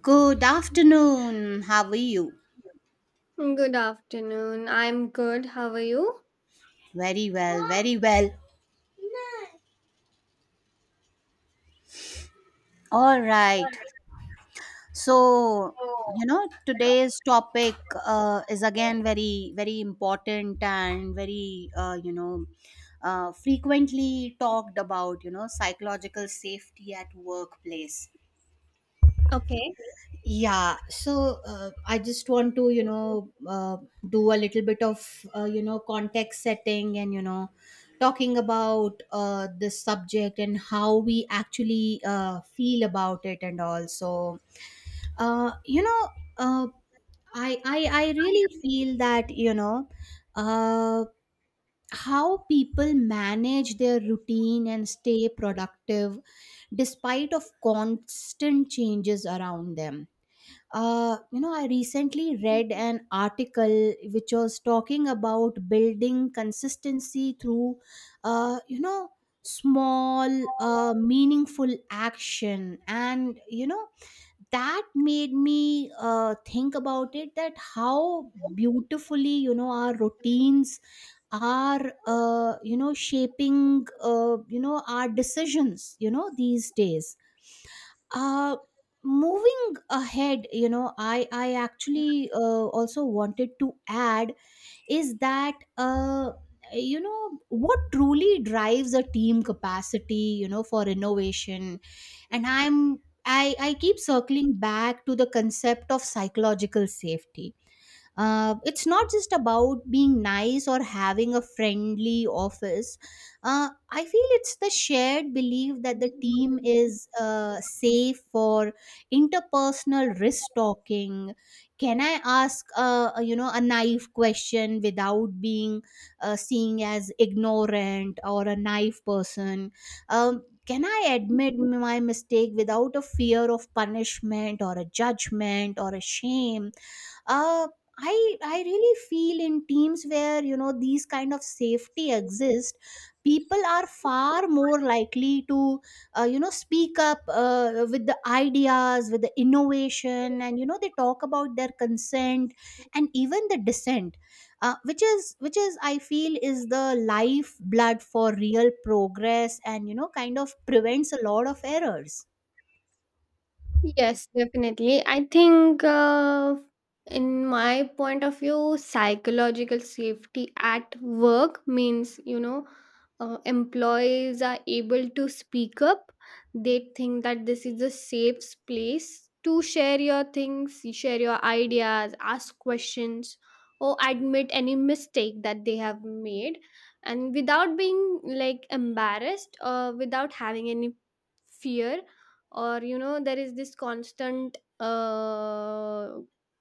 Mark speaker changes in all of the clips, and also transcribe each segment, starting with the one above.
Speaker 1: Good afternoon. How are you?
Speaker 2: Good afternoon. I'm good. How are you?
Speaker 1: Very well, very well. All right. So, today's topic is again very, very important and very, frequently talked about, psychological safety at workplace.
Speaker 2: Okay.
Speaker 1: Yeah, so I just want to do a little bit of context setting and talking about this subject and how we actually feel about it and all. So, uh, you know, uh, I, I, I really feel that, uh, how people manage their routine and stay productive despite of constant changes around them. I recently read an article which was talking about building consistency through, uh, you know, small, meaningful action. And that made me think about it that how beautifully, our routines are, shaping, our decisions, these days uh moving ahead. I actually also wanted to add is that what truly drives a team capacity, for innovation, and I keep circling back to the concept of psychological safety. It's not just about being nice or having a friendly office. I feel it's the shared belief that the team is safe for interpersonal risk talking. Can I ask, a naive question without being seen as ignorant or a naive person? Can I admit my mistake without a fear of punishment or a judgment or a shame? uh, I really feel in teams where these kind of safety exist, people are far more likely to speak up with the ideas, with the innovation, and they talk about their consent and even the dissent, which is I feel is the lifeblood for real progress and kind of prevents a lot of errors.
Speaker 2: Yes, definitely. I think, in my point of view, psychological safety at work means, you know, employees are able to speak up. They think that this is a safe place to share your things, you share your ideas, ask questions, or admit any mistake that they have made. And without being like embarrassed or without having any fear, or you know, there is this constant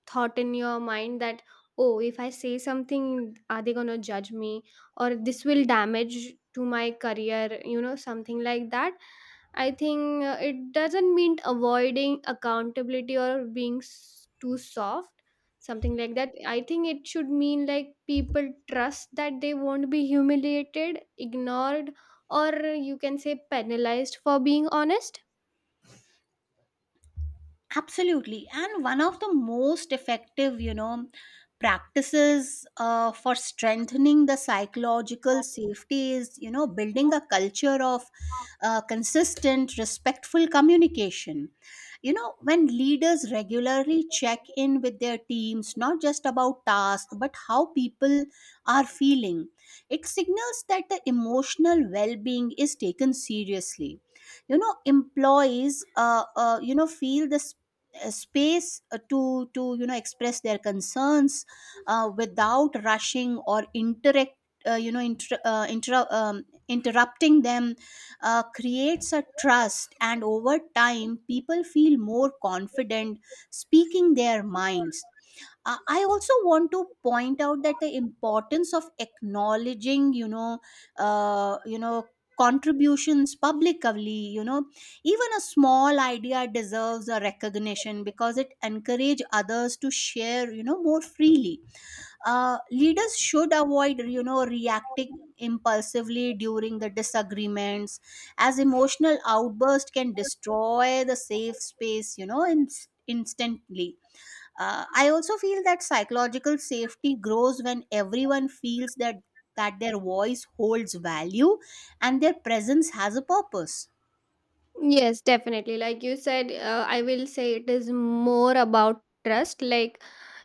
Speaker 2: thought in your mind that, oh, if I say something, are they going to judge me, or this will damage to my career, you know, something like that. I think it doesn't mean avoiding accountability or being too soft, something like that. I think it should mean like people trust that they won't be humiliated, ignored, or you can say penalized for being honest.
Speaker 1: Absolutely. And one of the most effective, practices for strengthening the psychological safety is, building a culture of consistent, respectful communication. You know, when leaders regularly check in with their teams, not just about tasks, but how people are feeling, it signals that the emotional well being is taken seriously. Employees feel this space to express their concerns without rushing or interact you know inter- interu- interrupting them. Creates a trust, and over time people feel more confident speaking their minds. I also want to point out that the importance of acknowledging uh, you know contributions publicly. Even a small idea deserves a recognition because it encourage others to share more freely. Leaders should avoid reacting impulsively during the disagreements, as emotional outburst can destroy the safe space, instantly. I also feel that psychological safety grows when everyone feels that their voice holds value and their presence has a purpose.
Speaker 2: Yes, definitely. Like you said, I will say it is more about trust. Like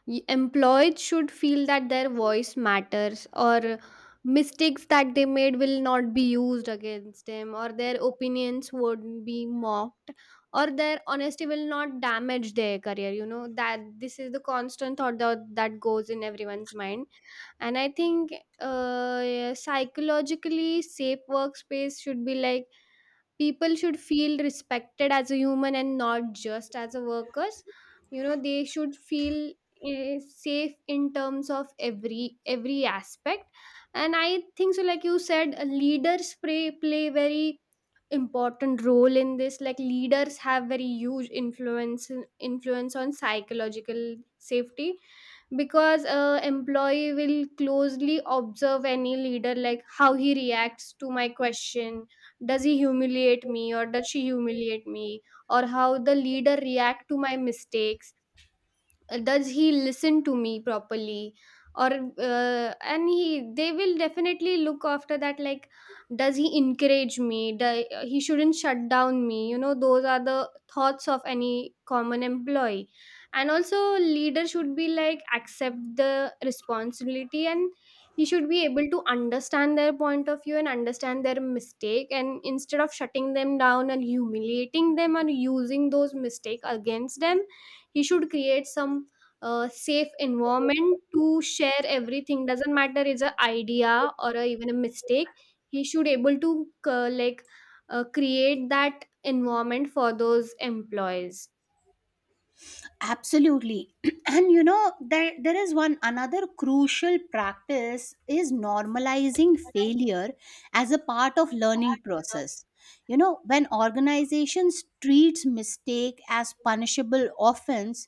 Speaker 2: employees should feel that their voice matters, or mistakes that they made will not be used against them, or their opinions won't be mocked, or their honesty will not damage their career. You know, that this is the constant thought that goes in everyone's mind. And I think, psychologically safe workspace should be like, people should feel respected as a human and not just as a workers. You know, they should feel, eh, safe in terms of every aspect. And I think so, like you said, leaders play very important role in this. Like leaders have very huge influence on psychological safety, because a employee will closely observe any leader, like how he reacts to my question, does he humiliate me or does she humiliate me, or how the leader react to my mistakes, does he listen to me properly? Or and he, they will definitely look after that, like does he encourage me? Do, he shouldn't shut down me, you know, those are the thoughts of any common employee. And also leader should be like accept the responsibility, and he should be able to understand their point of view and understand their mistake, and instead of shutting them down and humiliating them and using those mistake against them, he should create some a safe environment to share everything, doesn't matter it's a idea or a, even a mistake. He should able to like, create that environment for those employees.
Speaker 1: Absolutely. And there is one another crucial practice is normalizing failure as a part of learning process. When organizations treats mistake as punishable offense,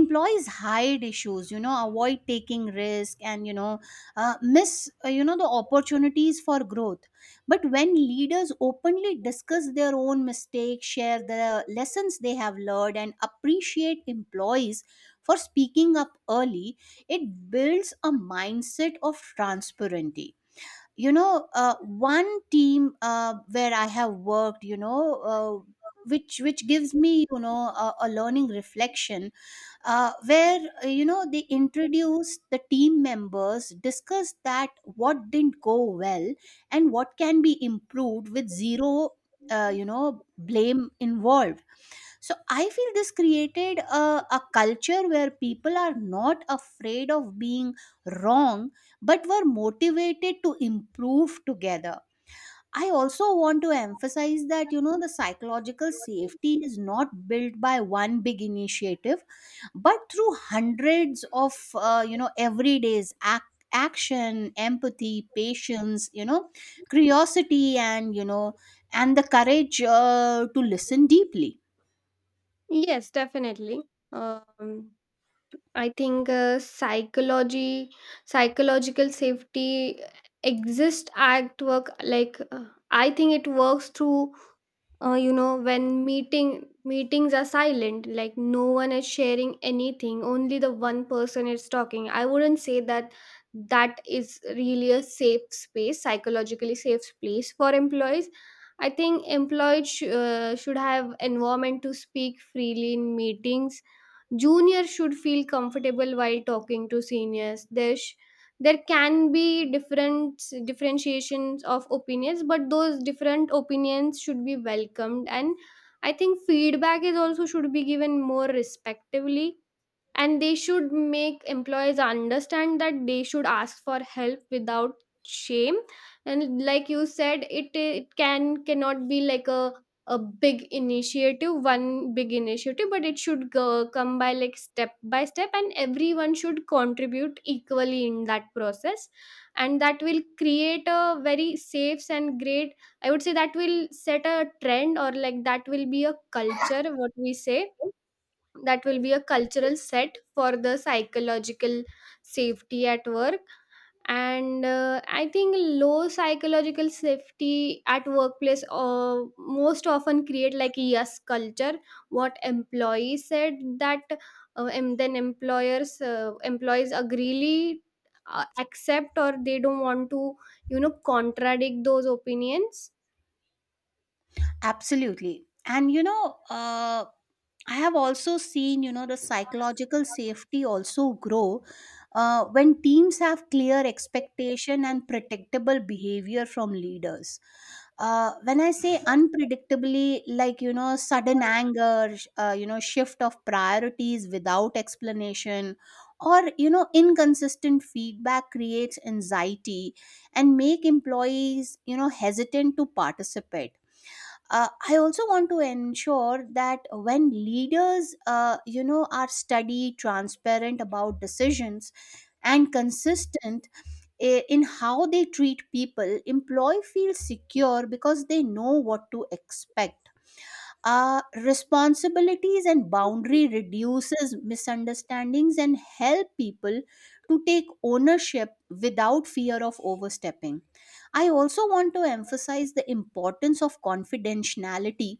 Speaker 1: employees hide issues, avoid taking risk and miss the opportunities for growth. But when leaders openly discuss their own mistakes, share the lessons they have learned, and appreciate employees for speaking up early, it builds a mindset of transparency. One team where I have worked, which gives me a learning reflection, where they introduce the team members discuss that what didn't go well and what can be improved with zero blame involved. So I feel this created a culture where people are not afraid of being wrong but were motivated to improve together. I also want to emphasize that the psychological safety is not built by one big initiative but through hundreds of everyday's action, empathy, patience, curiosity and the courage to listen deeply.
Speaker 2: Yes, definitely. um, I think psychological safety exists at work. Like, I think it works through, you know, when meetings are silent, like no one is sharing anything, only the one person is talking. I wouldn't say that that is really a safe space, psychologically safe place for employees. I think employees should have environment to speak freely in meetings. Juniors should feel comfortable while talking to seniors. There, there can be different differentiations of opinions, but those different opinions should be welcomed. And I think feedback is also should be given more respectively, and they should make employees understand that they should ask for help without shame. And like you said, it can cannot be like a big initiative, one big initiative, but it should go, come by like step by step, and everyone should contribute equally in that process. And that will create a very safe and great, I would say that will set a trend, or like that will be a culture, what we say, that will be a cultural set for the psychological safety at work. And I think low psychological safety at workplace most often create like a yes culture, what employee said, that and then employers, employees agreely accept, or they don't want to, you know, contradict those opinions.
Speaker 1: Absolutely. And I have also seen the psychological safety also grow when teams have clear expectation and predictable behavior from leaders. When I say unpredictably, like, sudden anger, shift of priorities without explanation, or, inconsistent feedback creates anxiety and make employees, hesitant to participate. I also want to ensure that when leaders are steady transparent about decisions and consistent in how they treat people, employee feels secure because they know what to expect. Responsibilities and boundary reduces misunderstandings and help people to take ownership without fear of overstepping. I also want to emphasize the importance of confidentiality.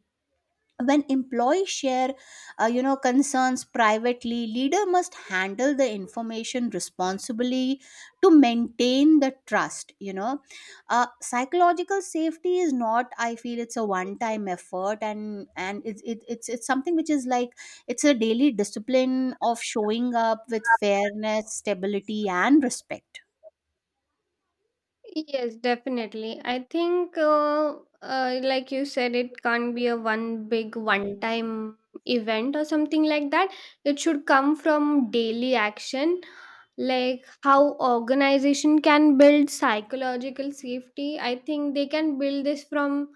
Speaker 1: When employees share concerns privately, leader must handle the information responsibly to maintain the trust. Psychological safety is not, I feel, it's a one time effort, and it's it, it's something which is like it's a daily discipline of showing up with fairness stability and respect.
Speaker 2: Yes, definitely. I think, like you said, it can't be a one big, one time event or something like that. It should come from daily action, like how organization can build psychological safety. I think they can build this from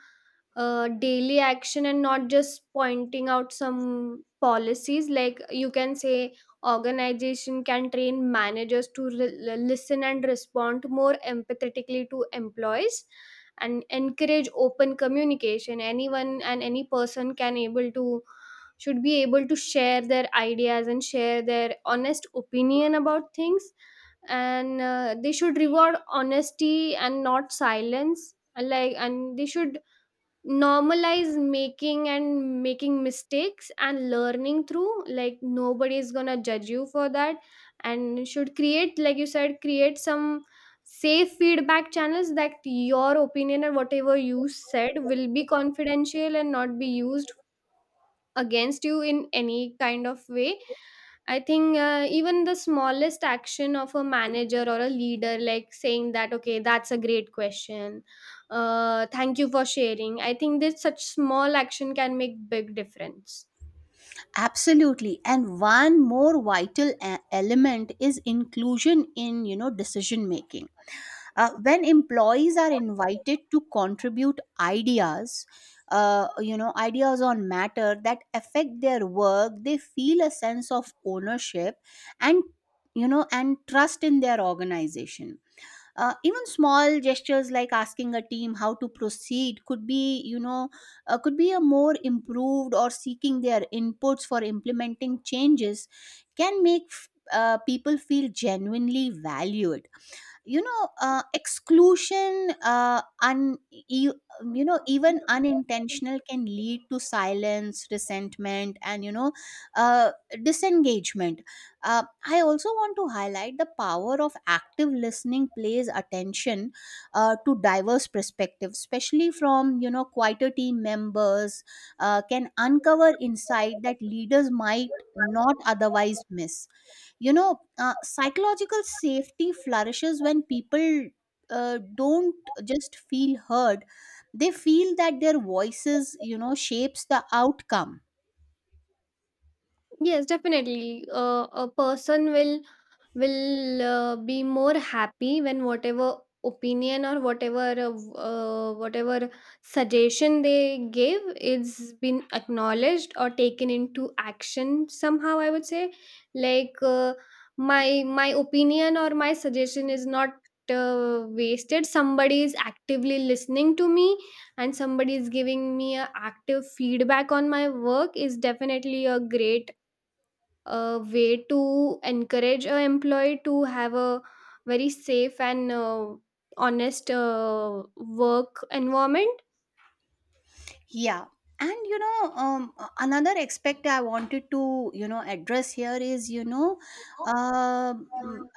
Speaker 2: daily action and not just pointing out some policies. Like you can say, organization can train managers to listen and respond more empathetically to employees and encourage open communication. Anyone and any person can able to, should be able to share their ideas and share their honest opinion about things. And they should reward honesty and not silence. And like, and they should normalize making and making mistakes and learning through, like nobody is gonna judge you for that. And should create, like you said, create some safe feedback channels that your opinion and whatever you said will be confidential and not be used against you in any kind of way. I think, even the smallest action of a manager or a leader, like saying that, okay, that's a great question. Thank you for sharing. I think that such small action can make big difference.
Speaker 1: Absolutely. And one more vital element is inclusion in decision making. When employees are invited to contribute ideas, ideas on matter that affect their work, they feel a sense of ownership and, and trust in their organization. Even small gestures like asking a team how to proceed could be, could be a more improved or seeking their inputs for implementing changes can make people feel genuinely valued. Exclusion, un, e- you know even unintentional, can lead to silence, resentment and uh, disengagement. I also want to highlight the power of active listening plays attention to diverse perspectives, especially from quieter team members, can uncover insight that leaders might not otherwise miss. Psychological safety flourishes when people don't just feel heard, they feel that their voices shapes the outcome.
Speaker 2: Yes, definitely. A person will, be more happy when whatever opinion or whatever whatever suggestion they give is been acknowledged or taken into action somehow, I would say, like, my opinion or my suggestion is not wasted, somebody is actively listening to me, and somebody is giving me a active feedback on my work is definitely a great a way to encourage a employee to have a very safe and honest work environment.
Speaker 1: Yeah. And another aspect I wanted to address here is um,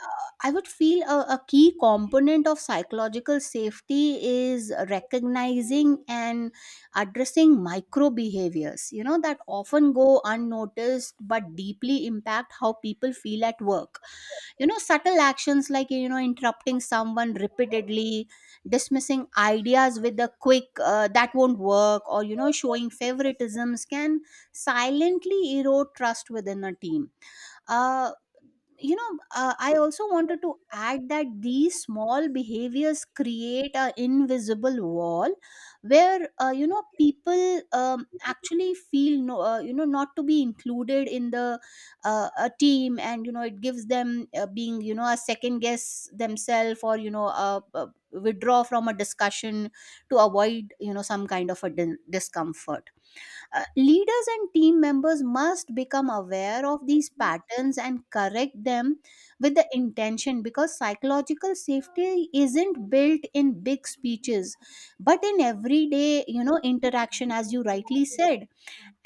Speaker 1: I would feel a key component of psychological safety is recognizing and addressing micro behaviors that often go unnoticed but deeply impact how people feel at work. Subtle actions like interrupting someone repeatedly, dismissing ideas with a quick "that won't work", or showing favoritisms can silently erode trust within a team. uh, I also wanted to add that these small behaviors create an invisible wall where people actually feel not to be included in the a team, and it gives them being a second guess themselves or withdraw from a discussion to avoid some kind of a discomfort. Leaders and team members must become aware of these patterns and correct them with the intention, because psychological safety isn't built in big speeches but in everyday interaction, as you rightly said.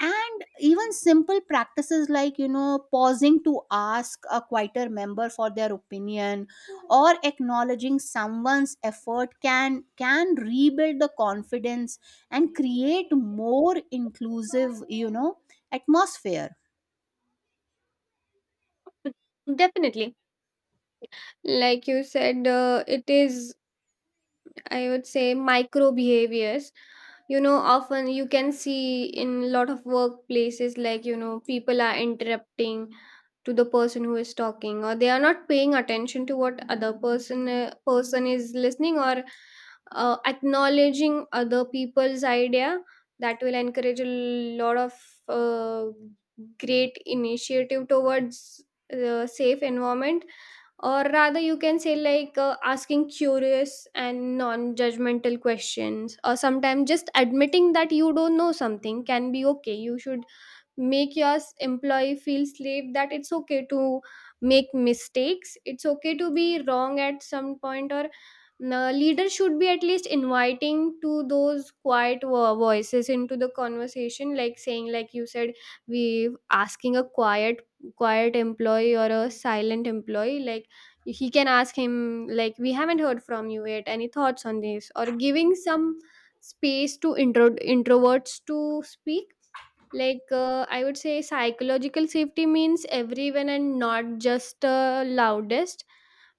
Speaker 1: And even simple practices like pausing to ask a quieter member for their opinion or acknowledging someone's effort can rebuild the confidence and create more inclusive atmosphere.
Speaker 2: Definitely, like you said, it is, I would say, micro behaviors. You know, often you can see in a lot of workplaces, like, you know, people are interrupting to the person who is talking, or they are not paying attention to what other person, person is listening, or acknowledging other people's idea. That will encourage a lot of uh, great initiative towards the safe environment. Or rather you can say, like, asking curious and non-judgmental questions, or sometimes just admitting that you don't know something can be okay. You should make your employee feel slave that it's okay to make mistakes, it's okay to be wrong at some point. Or the leader should be at least inviting to those quiet voices into the conversation, like saying, like you said, we asking a quiet employee or a silent employee, like he can ask him like, we haven't heard from you yet, any thoughts on this? Or giving some space to introverts to speak. Like, I would say psychological safety means everyone and not just loudest.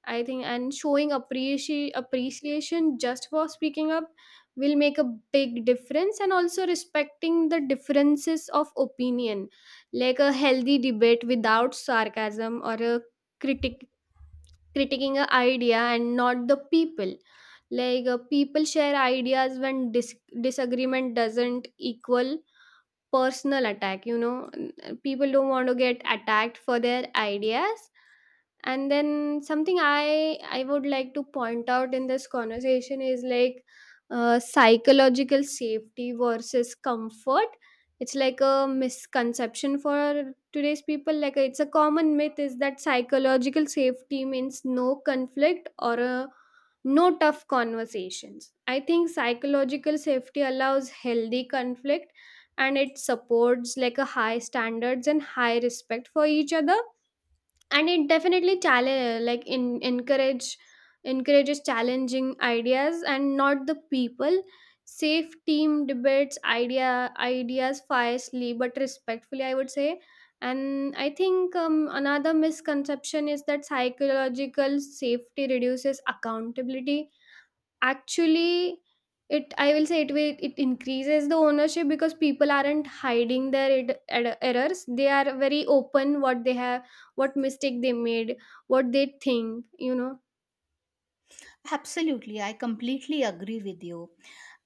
Speaker 2: I think. And showing appreciation just for speaking up will make a big difference. And also respecting the differences of opinion, like a healthy debate without sarcasm or a critic critiquing an idea and not the people. Like, people share ideas when disagreement doesn't equal personal attack. You know, people don't want to get attacked for their ideas. And then something I would like to point out in this conversation is like, psychological safety versus comfort. It's like a misconception for today's people, like it's a common myth is that psychological safety means no conflict or a no tough conversations. I think psychological safety allows healthy conflict, and it supports like a high standards and high respect for each other. And it definitely challenge, like in encourage, encourages challenging ideas and not the people. Safe team debates ideas fiercely but respectfully, I would say. And I think, another misconception is that psychological safety reduces accountability. Actually, it, I will say it will, it increases the ownership because people aren't hiding their errors. They are very open what they have, what mistake they made, what they think, you know.
Speaker 1: Absolutely, I completely agree with you.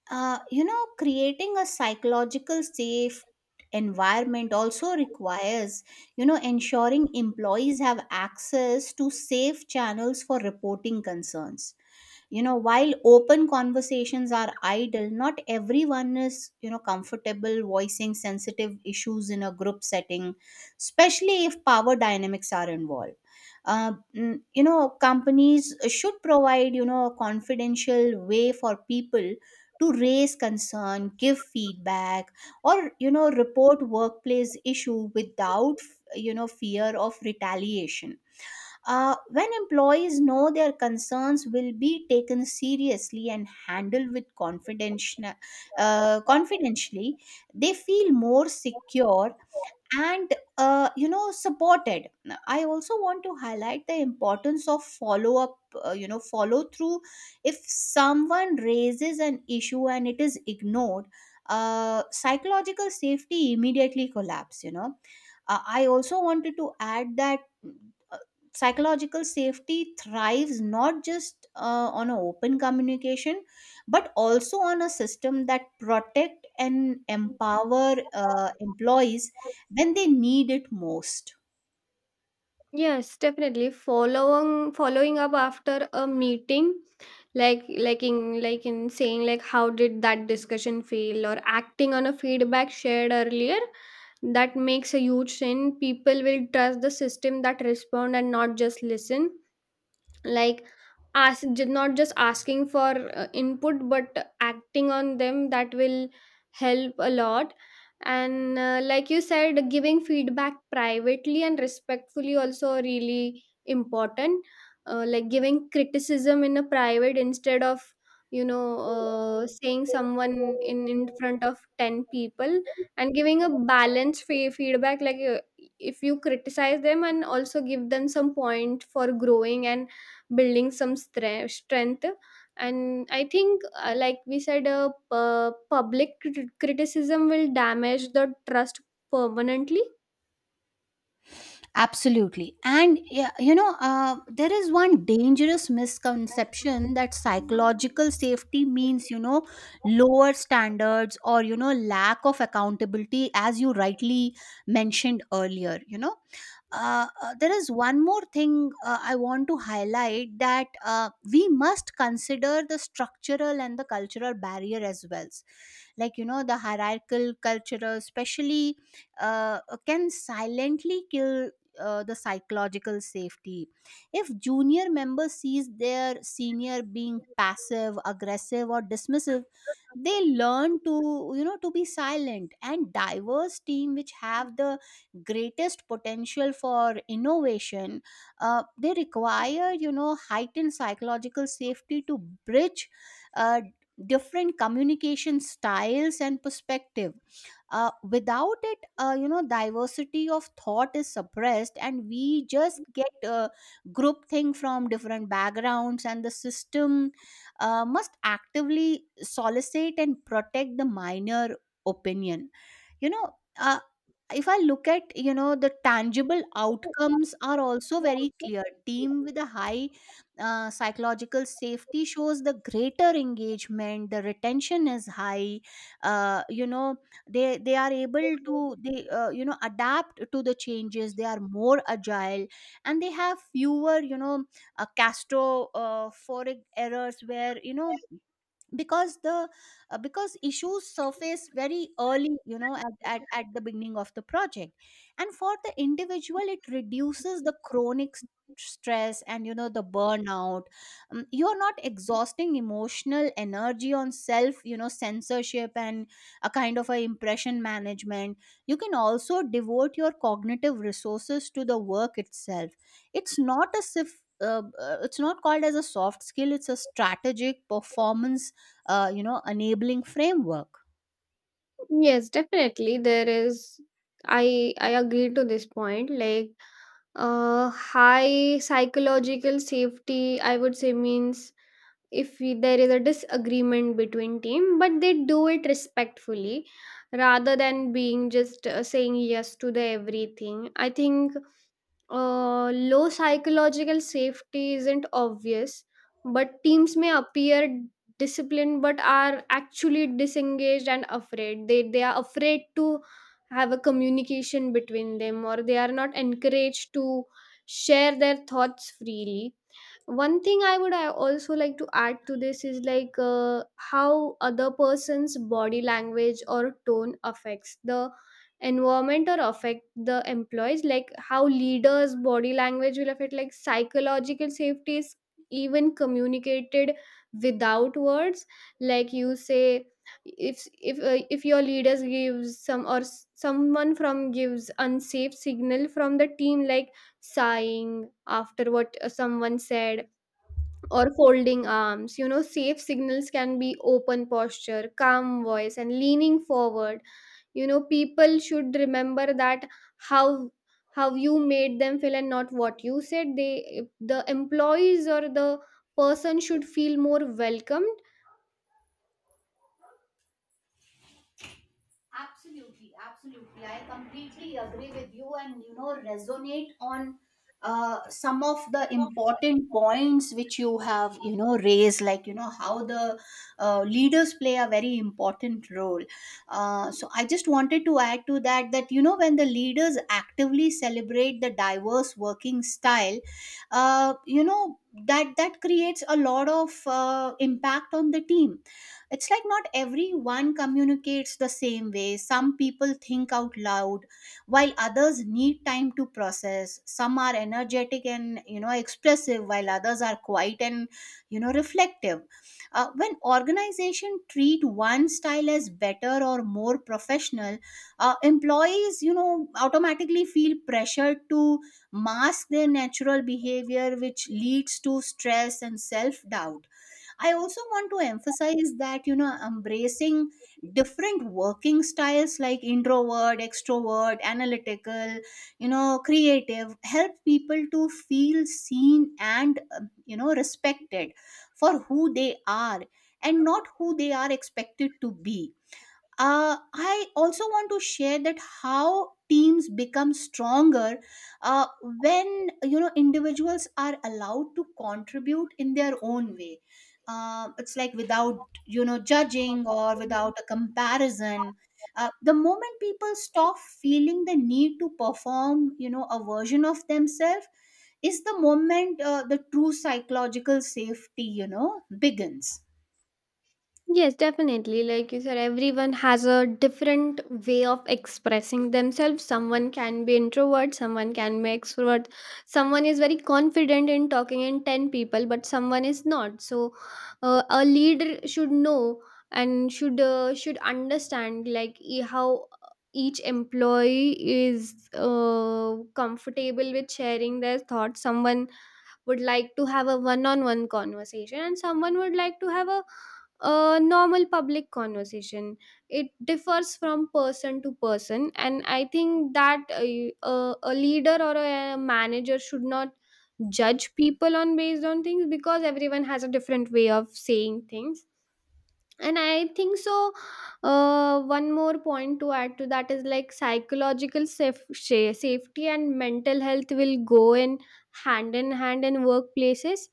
Speaker 1: Creating a psychological safe environment also requires, ensuring employees have access to safe channels for reporting concerns. While open conversations are idle, not everyone is comfortable voicing sensitive issues in a group setting, especially if power dynamics are involved. Companies should provide a confidential way for people to raise concern, give feedback or report workplace issue without fear of retaliation. When employees know their concerns will be taken seriously and handled with confidentially, they feel more secure and supported. I also want to highlight the importance of follow up, follow through. If someone raises an issue and it is ignored, psychological safety immediately collapse. I also wanted to add that mm, uh, psychological safety thrives not just on an open communication but also on a system that protect and empower employees when they need it most.
Speaker 2: Yes, definitely. Following up after a meeting, like in saying like, how did that discussion feel, or acting on a feedback shared earlier, that makes a huge change. People will trust the system that respond and not just listen. Like ask, not just asking for input but acting on them, that will help a lot. And like you said, giving feedback privately and respectfully also really important. Uh, like giving criticism in a private instead of, you know, saying someone in front of 10 people, and giving a balanced feedback, like, if you criticize them and also give them some point for growing and building some strength. And I think, like we said, public criticism will damage the trust permanently.
Speaker 1: Absolutely. And yeah, there is one dangerous misconception that psychological safety means, lower standards or, lack of accountability, as you rightly mentioned earlier. There is one more thing I want to highlight that we must consider the structural and the cultural barrier as well. Like, you know, the hierarchical culture, especially uh, can silently kill the psychological safety if junior member sees their senior being passive aggressive or dismissive, they learn to, you know, to be silent, and diverse team which have the greatest potential for innovation, they require, you know, heightened psychological safety to bridge uh, different communication styles and perspective. Without it, you know, diversity of thought is suppressed and we just get group thing from different backgrounds, and the system must actively solicit and protect the minor opinion, you know. uh, if I look at, you know, the tangible outcomes are also very clear. Team with a high psychological safety shows the greater engagement, the retention is high, uh, you know they are able to, they, you know, adapt to the changes, they are more agile, and they have fewer, you know, castro for errors where, you know, because the because issues surface very early, you know, at the beginning of the project. And for the individual it reduces the chronic stress and, you know, the burnout. You are not exhausting emotional energy on self, you know, censorship and a kind of a impression management. You can also devote your cognitive resources to the work itself. It's not a it's not called as a soft skill, it's a strategic performance, you know, enabling framework.
Speaker 2: Yes, definitely. There is, I agree to this point. Like, uh, high psychological safety, I would say, means if we, there is a disagreement between team but they do it respectfully, rather than being just saying yes to the everything, I think. Low psychological safety isn't obvious, but teams may appear disciplined but are actually disengaged and afraid. They are afraid to have a communication between them, or they are not encouraged to share their thoughts freely. One thing I also like to add to this is like how other person's body language or tone affects the environment or affect the employees, like how leaders body language will affect, like psychological safety is even communicated without words. Like you say, if your leaders gives someone from gives unsafe signal from the team, like sighing after what someone said, or folding arms. Safe signals can be open posture, calm voice, and leaning forward. People should remember that how how you made them feel and not what you said. The employees or the person should feel more welcomed.
Speaker 1: Absolutely, absolutely. I completely agree with you and, you know, resonate on some of the important points which you have, you know, raised, like, you know, how the leaders play a very important role. So I just wanted to add to that that, you know, when the leaders actively celebrate the diverse working style, uh, you know that creates a lot of impact on the team. It's like not everyone communicates the same way. Some people think out loud while others need time to process. Some are energetic and, you know, expressive, while others are quiet and, you know, reflective. When organization treat one style as better or more professional, employees, you know, automatically feel pressured to mask their natural behavior, which leads to stress and self doubt. I also want to emphasize that, you know, embracing different working styles like introvert, extrovert, analytical, you know, creative, help people to feel seen and, you know, respected for who they are and not who they are expected to be. I also want to share that how teams become stronger when, you know, individuals are allowed to contribute in their own way. It's like without, you know, judging or without a comparison. The moment people stop feeling the need to perform, you know, a version of themselves, is the moment the true psychological safety, you know, begins.
Speaker 2: Yes, definitely. Like you said, everyone has a different way of expressing themselves. Someone can be introvert, someone can be extrovert, someone is very confident in talking in 10 people, but someone is not. So, a leader should know and should should understand, like how each employee is comfortable with sharing their thoughts. Someone would like to have a one on one conversation, and someone would like to have a normal public conversation. It differs from person to person, and I think that a leader or a manager should not judge people on based on things, because everyone has a different way of saying things. And I think so. One more point to add to that is like psychological safety and mental health will go in hand in hand in workplaces.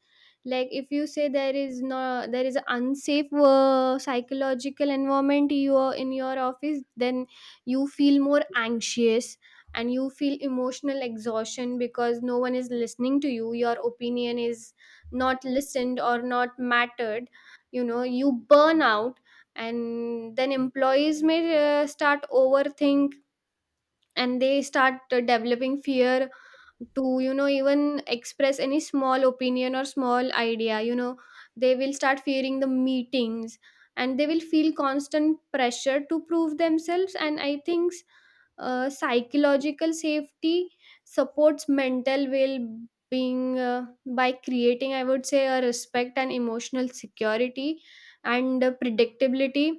Speaker 2: Like if you say there is no there is an unsafe psychological environment you are in your office, then you feel more anxious, and you feel emotional exhaustion because no one is listening to you, your opinion is not listened or not mattered. You burn out, and then employees may start overthink, and they start developing fear to even express any small opinion or small idea. They will start fearing the meetings, and they will feel constant pressure to prove themselves. And I think psychological safety supports mental well being by creating, I would say, a respect and emotional security, and predictability.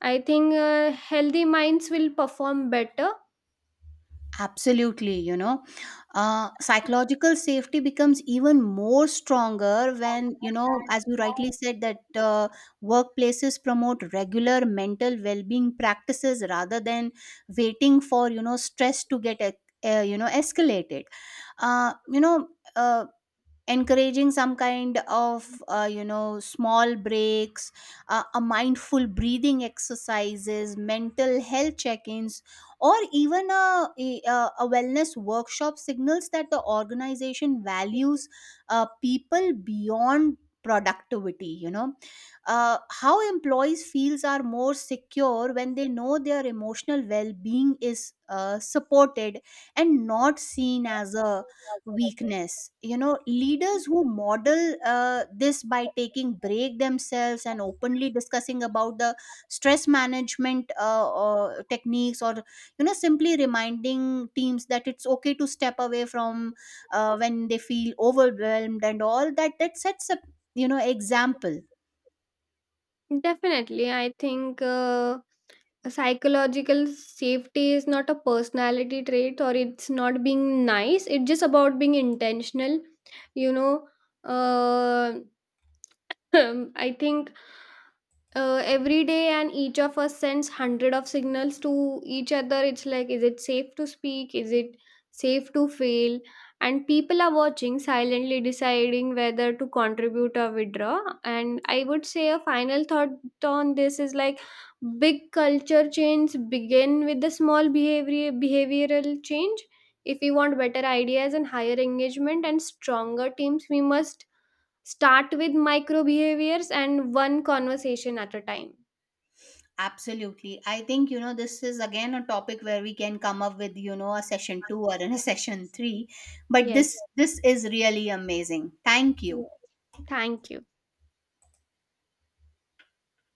Speaker 2: I think healthy minds will perform better.
Speaker 1: Absolutely, you know, psychological safety becomes even more stronger when, you know, as you rightly said, that workplaces promote regular mental well being practices rather than waiting for, you know, stress to get, you know, escalated. Uh, you know, uh, encouraging some kind of, you know, small breaks, a mindful breathing exercises, mental health check-ins, or even a wellness workshop signals that the organization values people beyond productivity, you know. How employees feels are more secure when they know their emotional well-being is supported and not seen as a weakness, you know. Leaders who model this by taking break themselves and openly discussing about the stress management or techniques, or, you know, simply reminding teams that it's okay to step away from when they feel overwhelmed and all that, that sets up, you know, example.
Speaker 2: Definitely. I think psychological safety is not a personality trait, or it's not being nice. It's just about being intentional. You know, uh, I think every day, and each of us sends hundred of signals to each other. It's like, is it safe to speak, is it safe to fail? And people are watching, silently deciding whether to contribute or withdraw. And I would say a final thought on this is like big culture change begin with the small behavioral change. If we want better ideas and higher engagement and stronger teams, we must start with micro behaviors and one conversation at a time.
Speaker 1: Absolutely, I think, you know, this is again a topic where we can come up with, you know, a session 2 or in a session 3, but this
Speaker 2: Yes.
Speaker 1: this is really amazing. Thank you.
Speaker 2: Thank you.